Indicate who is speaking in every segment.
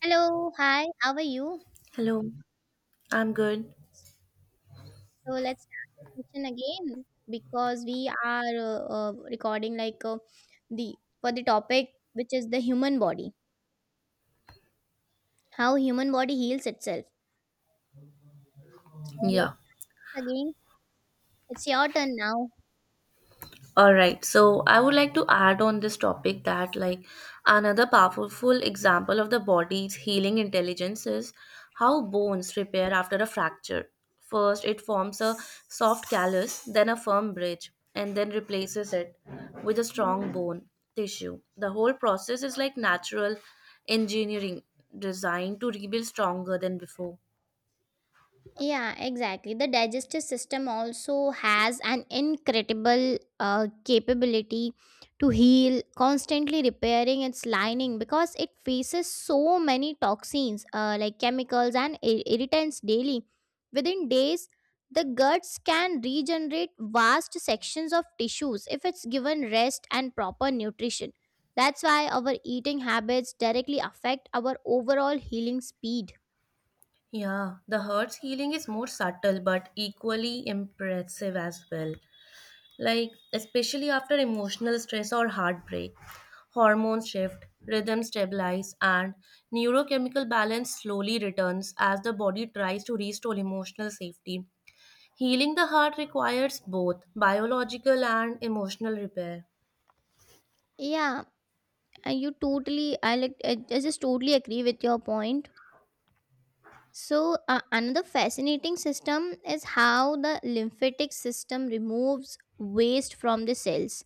Speaker 1: Hello, hi, how are you?
Speaker 2: Hello, I'm good.
Speaker 1: So let's start the session again because we are recording like the for the topic which is the human body, how human body heals itself. So
Speaker 2: Yeah.
Speaker 1: again, it's your turn now.
Speaker 2: All right. So I would like to add on this topic that like another powerful example of the body's healing intelligence is how bones repair after a fracture. First, it forms a soft callus, then a firm bridge, and then replaces it with a strong bone tissue. The whole process is like natural engineering designed to rebuild stronger than before.
Speaker 1: Yeah, exactly. The digestive system also has an incredible capability to heal, constantly repairing its lining because it faces so many toxins, like chemicals and irritants daily. Within days, the guts can regenerate vast sections of tissues if it's given rest and proper nutrition. That's why our eating habits directly affect our overall healing speed.
Speaker 2: Yeah, the hurt's healing is more subtle but equally impressive as well. Like, especially after emotional stress or heartbreak, hormones shift, rhythm stabilize, and neurochemical balance slowly returns as the body tries to restore emotional safety. Healing the heart requires both biological and emotional repair.
Speaker 1: Yeah. You totally, I like, I just totally agree with your point. So another fascinating system is how the lymphatic system removes waste from the cells.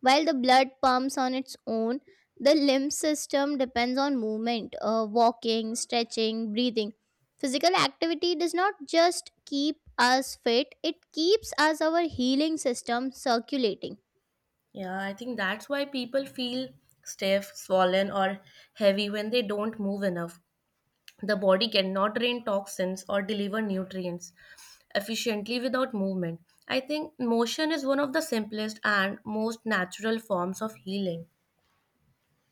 Speaker 1: While the blood pumps on its own, the lymph system depends on movement, walking, stretching, breathing. Physical activity does not just keep us fit; it keeps us our healing system circulating.
Speaker 2: Yeah, I think that's why people feel stiff, swollen, or heavy when they don't move enough. The body cannot drain toxins or deliver nutrients efficiently without movement. I think motion is one of the simplest and most natural forms of healing.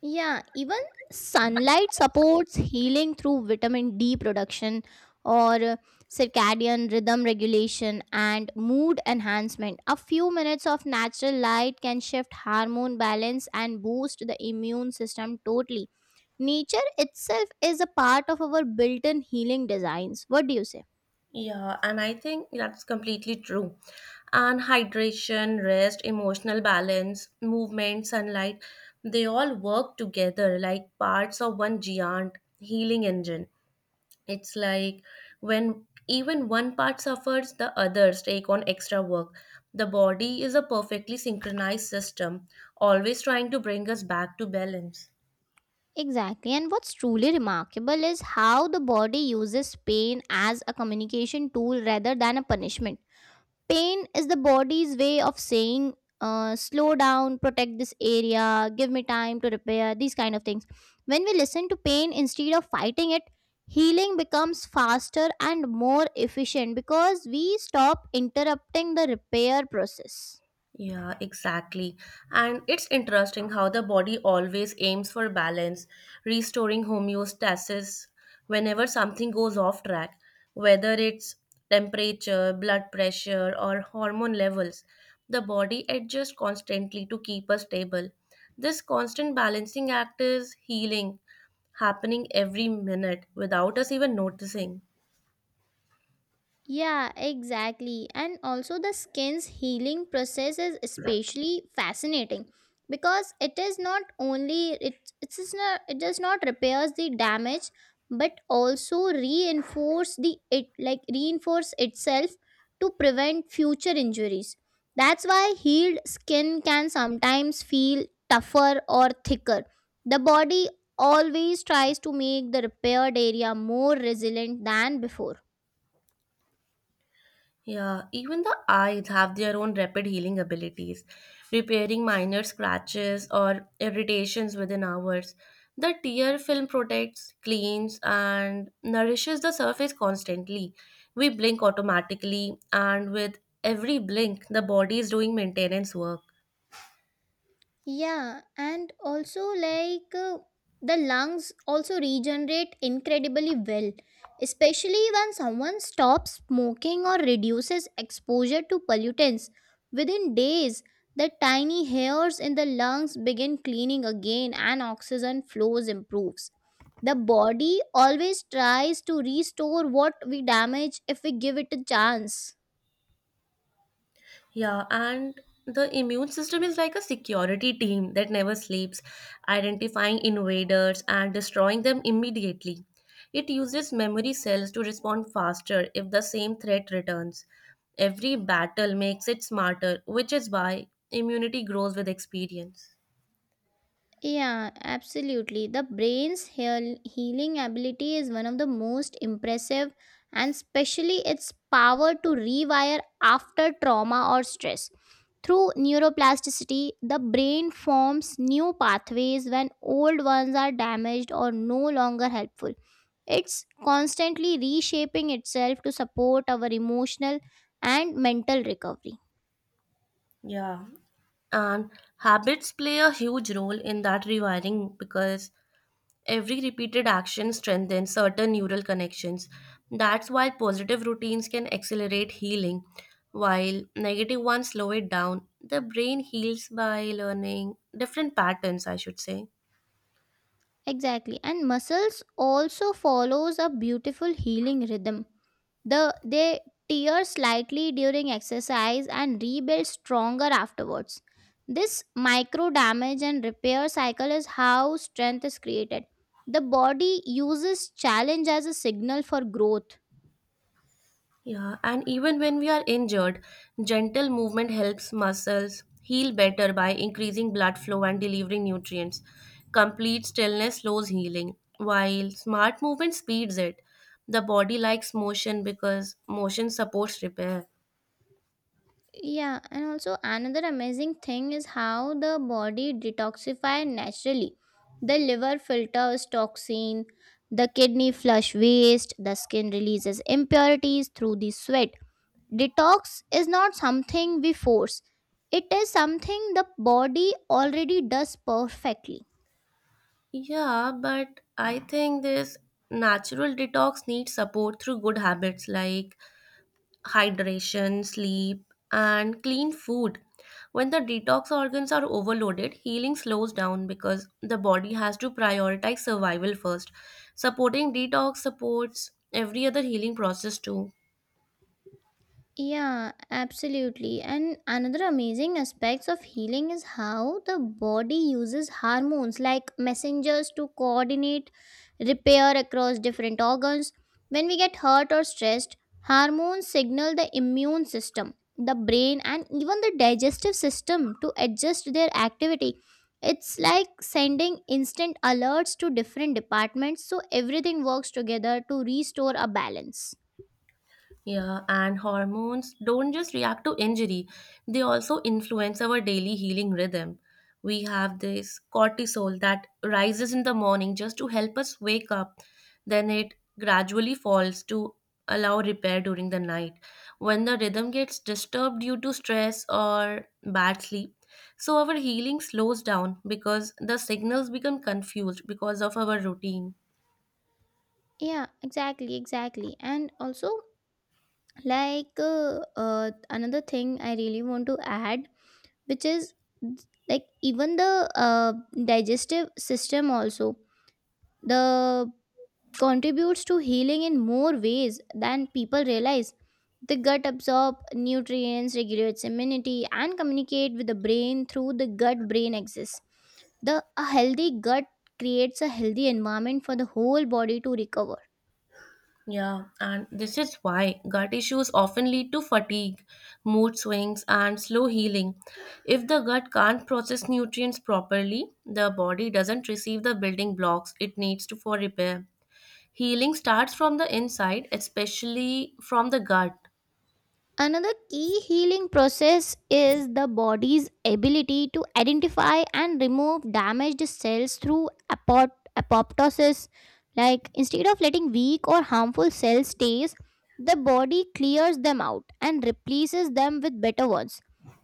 Speaker 1: Yeah, even sunlight supports healing through vitamin D production or circadian rhythm regulation and mood enhancement. A few minutes of natural light can shift hormone balance and boost the immune system totally. Nature itself is a part of our built in healing designs. What do you say?
Speaker 2: Yeah, and I think that's completely true. And hydration, rest, emotional balance, movement, sunlight, they all work together like parts of one giant healing engine. It's like when even one part suffers, the others take on extra work. The body is a perfectly synchronized system, always trying to bring us back to balance.
Speaker 1: Exactly. And what's truly remarkable is how the body uses pain as a communication tool rather than a punishment. Pain is the body's way of saying, slow down, protect this area, give me time to repair, these kind of things. When we listen to pain instead of fighting it, healing becomes faster and more efficient because we stop interrupting the repair process.
Speaker 2: Yeah, exactly. And it's interesting how the body always aims for balance, restoring homeostasis whenever something goes off track, whether it's temperature, blood pressure, or hormone levels. The body adjusts constantly to keep us stable. This constant balancing act is healing, happening every minute without us even noticing.
Speaker 1: Yeah, exactly. And also, the skin's healing process is especially fascinating because it is not only it it is not it does not repairs the damage but also reinforce the it like reinforce itself to prevent future injuries. That's why healed skin can sometimes feel tougher or thicker. The body always tries to make the repaired area more resilient than before.
Speaker 2: Yeah, even the eyes have their own rapid healing abilities, repairing minor scratches or irritations within hours. The tear film protects, cleans, and nourishes the surface constantly. We blink automatically, and with every blink, the body is doing maintenance work.
Speaker 1: Yeah, and also the lungs also regenerate incredibly well, especially when someone stops smoking or reduces exposure to pollutants. Within days, the tiny hairs in the lungs begin cleaning again and oxygen flows improves. The body always tries to restore what we damage if we give it a chance.
Speaker 2: Yeah, and the immune system is like a security team that never sleeps, identifying invaders and destroying them immediately. It uses memory cells to respond faster if the same threat returns. Every battle makes it smarter, which is why immunity grows with experience.
Speaker 1: Yeah, absolutely. The brain's healing ability is one of the most impressive, and especially its power to rewire after trauma or stress. Through neuroplasticity, the brain forms new pathways when old ones are damaged or no longer helpful. It's constantly reshaping itself to support our emotional and mental recovery.
Speaker 2: Yeah, and habits play a huge role in that rewiring because every repeated action strengthens certain neural connections. That's why positive routines can accelerate healing, while negative ones slow it down. The brain heals by learning different patterns, I should say.
Speaker 1: Exactly. And muscles also follows a beautiful healing rhythm. They tear slightly during exercise and rebuild stronger afterwards. This micro damage and repair cycle is how strength is created. The body uses challenge as a signal for growth.
Speaker 2: Yeah, and even when we are injured, gentle movement helps muscles heal better by increasing blood flow and delivering nutrients. Complete stillness slows healing, while smart movement speeds it. The body likes motion because motion supports repair.
Speaker 1: Yeah, and also another amazing thing is how the body detoxify naturally. The liver filters toxin, the kidney flush waste, the skin releases impurities through the sweat. Detox is not something we force. It is something the body already does perfectly.
Speaker 2: Yeah, but I think this natural detox needs support through good habits like hydration, sleep, and clean food. When the detox organs are overloaded, healing slows down because the body has to prioritize survival first. Supporting detox supports every other healing process too.
Speaker 1: Yeah, absolutely. And another amazing aspects of healing is how the body uses hormones like messengers to coordinate repair across different organs. When we get hurt or stressed, hormones signal the immune system, the brain, and even the digestive system to adjust their activity. It's like sending instant alerts to different departments so everything works together to restore a balance.
Speaker 2: Yeah, and hormones don't just react to injury, they also influence our daily healing rhythm. We have this cortisol that rises in the morning just to help us wake up, then it gradually falls to allow repair during the night. When the rhythm gets disturbed due to stress or bad sleep, so our healing slows down because the signals become confused because of our routine.
Speaker 1: Yeah, exactly. And also, another thing I really want to add which is like even the digestive system also the contributes to healing in more ways than people realize. The gut absorb nutrients, regulates immunity and communicate with the brain through the gut brain axis. The a healthy gut creates a healthy environment for the whole body to recover.
Speaker 2: Yeah, and this is why gut issues often lead to fatigue, mood swings, and slow healing. If the gut can't process nutrients properly, the body doesn't receive the building blocks it needs to for repair. Healing starts from the inside, especially from the gut.
Speaker 1: Another key healing process is the body's ability to identify and remove damaged cells through apoptosis. Like instead of letting weak or harmful cells stay, the body clears them out and replaces them with better ones.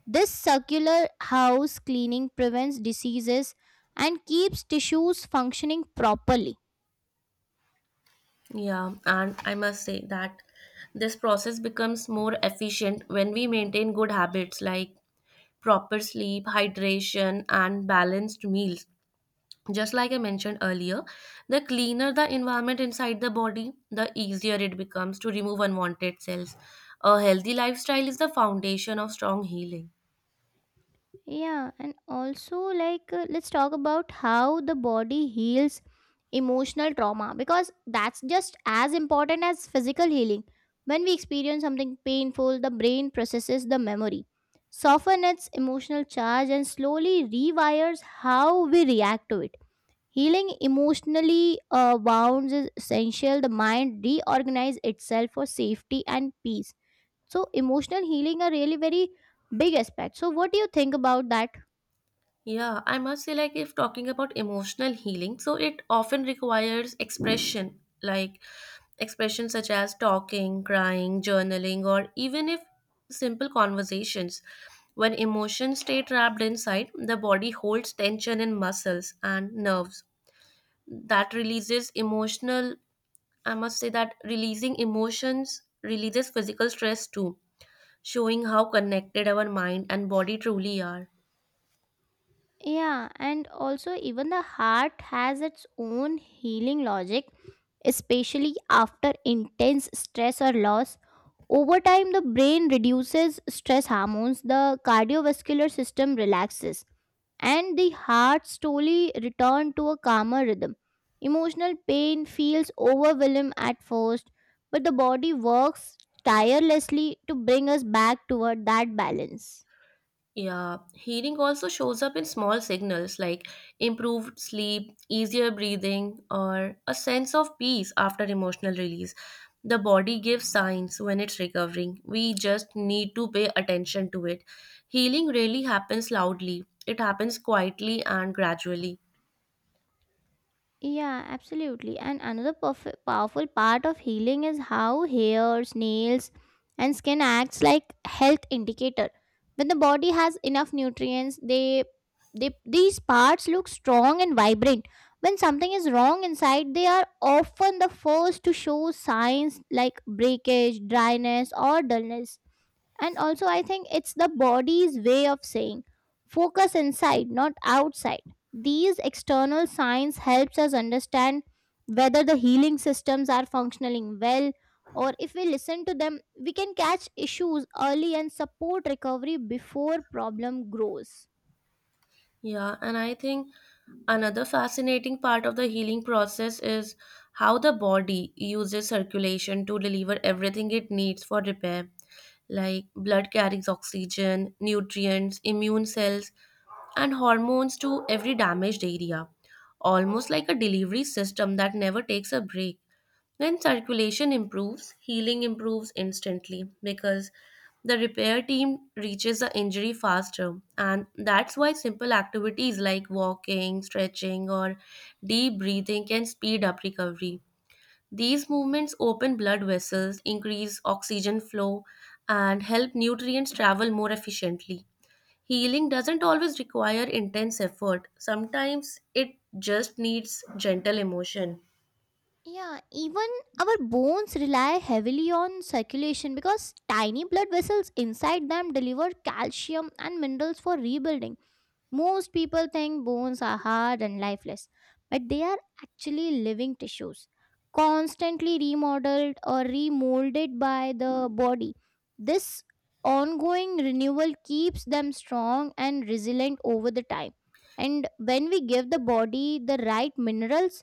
Speaker 1: This circular house cleaning prevents diseases and keeps tissues functioning properly.
Speaker 2: Yeah, and I must say that this process becomes more efficient when we maintain good habits like proper sleep, hydration, and balanced meals. Just like I mentioned earlier, the cleaner the environment inside the body, the easier it becomes to remove unwanted cells. A healthy lifestyle is the foundation of strong healing.
Speaker 1: Yeah, and also let's talk about how the body heals emotional trauma because that's just as important as physical healing. When we experience something painful, the brain processes the memory, soften its emotional charge and slowly rewires how we react to it. Healing emotionally wounds is essential. The mind reorganizes itself for safety and peace. So, emotional healing are really very big aspect. So, what do you think about that?
Speaker 2: Yeah, I must say, like, if talking about emotional healing, so it often requires expression, like expression such as talking, crying, journaling, or even if simple conversations. When emotions stay trapped inside, the body holds tension in muscles and nerves that releases emotional. I must say that releasing emotions releases physical stress too, showing how connected our mind and body truly are.
Speaker 1: Yeah, and also even the heart has its own healing logic, especially after intense stress or loss. Over time, the brain reduces stress hormones, the cardiovascular system relaxes, and the heart slowly returned to a calmer rhythm. Emotional pain feels overwhelming at first, but the body works tirelessly to bring us back toward that balance.
Speaker 2: Yeah, healing also shows up in small signals like improved sleep, easier breathing, or a sense of peace after emotional release. The body gives signs when it's recovering. We just need to pay attention to it. Healing really happens loudly, it happens quietly and gradually.
Speaker 1: Yeah, absolutely. And another powerful part of healing is how hairs, nails, and skin acts like health indicator. When the body has enough nutrients, they these parts look strong and vibrant. When something is wrong inside, they are often the first to show signs like breakage, dryness, or dullness. And also, I think it's the body's way of saying focus inside, not outside. These external signs helps us understand whether the healing systems are functioning well or if we listen to them, we can catch issues early and support recovery before problem grows.
Speaker 2: Yeah, and I think another fascinating part of the healing process is how the body uses circulation to deliver everything it needs for repair, like blood carries oxygen, nutrients, immune cells, and hormones to every damaged area, almost like a delivery system that never takes a break. When circulation improves, healing improves instantly because the repair team reaches the injury faster. And that's why simple activities like walking, stretching, or deep breathing can speed up recovery. These movements open blood vessels, increase oxygen flow, and help nutrients travel more efficiently. Healing doesn't always require intense effort, sometimes it just needs gentle emotion.
Speaker 1: Yeah, even our bones rely heavily on circulation because tiny blood vessels inside them deliver calcium and minerals for rebuilding. Most people think bones are hard and lifeless, but they are actually living tissues, constantly remodeled or remolded by the body. This ongoing renewal keeps them strong and resilient over the time. And when we give the body the right minerals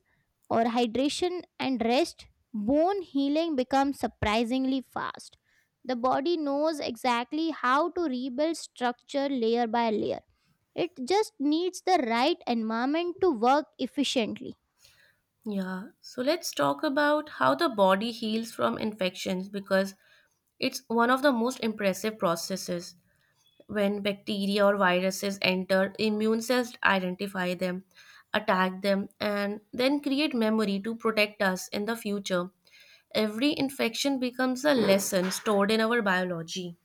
Speaker 1: or hydration and rest, bone healing becomes surprisingly fast. The body knows exactly how to rebuild structure layer by layer. It just needs the right environment to work efficiently.
Speaker 2: Yeah, so let's talk about how the body heals from infections because it's one of the most impressive processes. When bacteria or viruses enter, immune cells identify them, attack them, and then create memory to protect us in the future. Every infection becomes a lesson stored in our biology.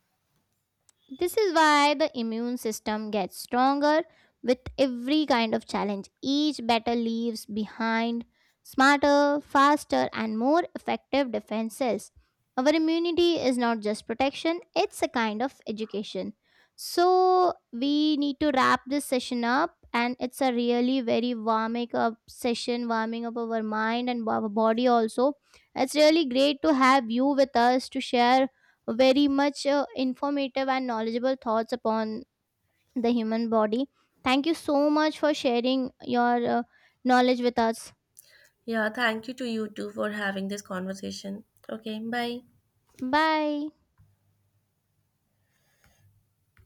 Speaker 1: This is why the immune system gets stronger with every kind of challenge. Each battle leaves behind smarter, faster, and more effective defenses. Our immunity is not just protection, it's a kind of education. So, we need to wrap this session up, and it's a really very warming up session, warming up our mind and our body also. It's really great to have you with us to share very much informative and knowledgeable thoughts upon the human body. Thank you so much for sharing your knowledge with us.
Speaker 2: Yeah, thank you to you too for having this conversation. Okay, bye.
Speaker 1: Bye.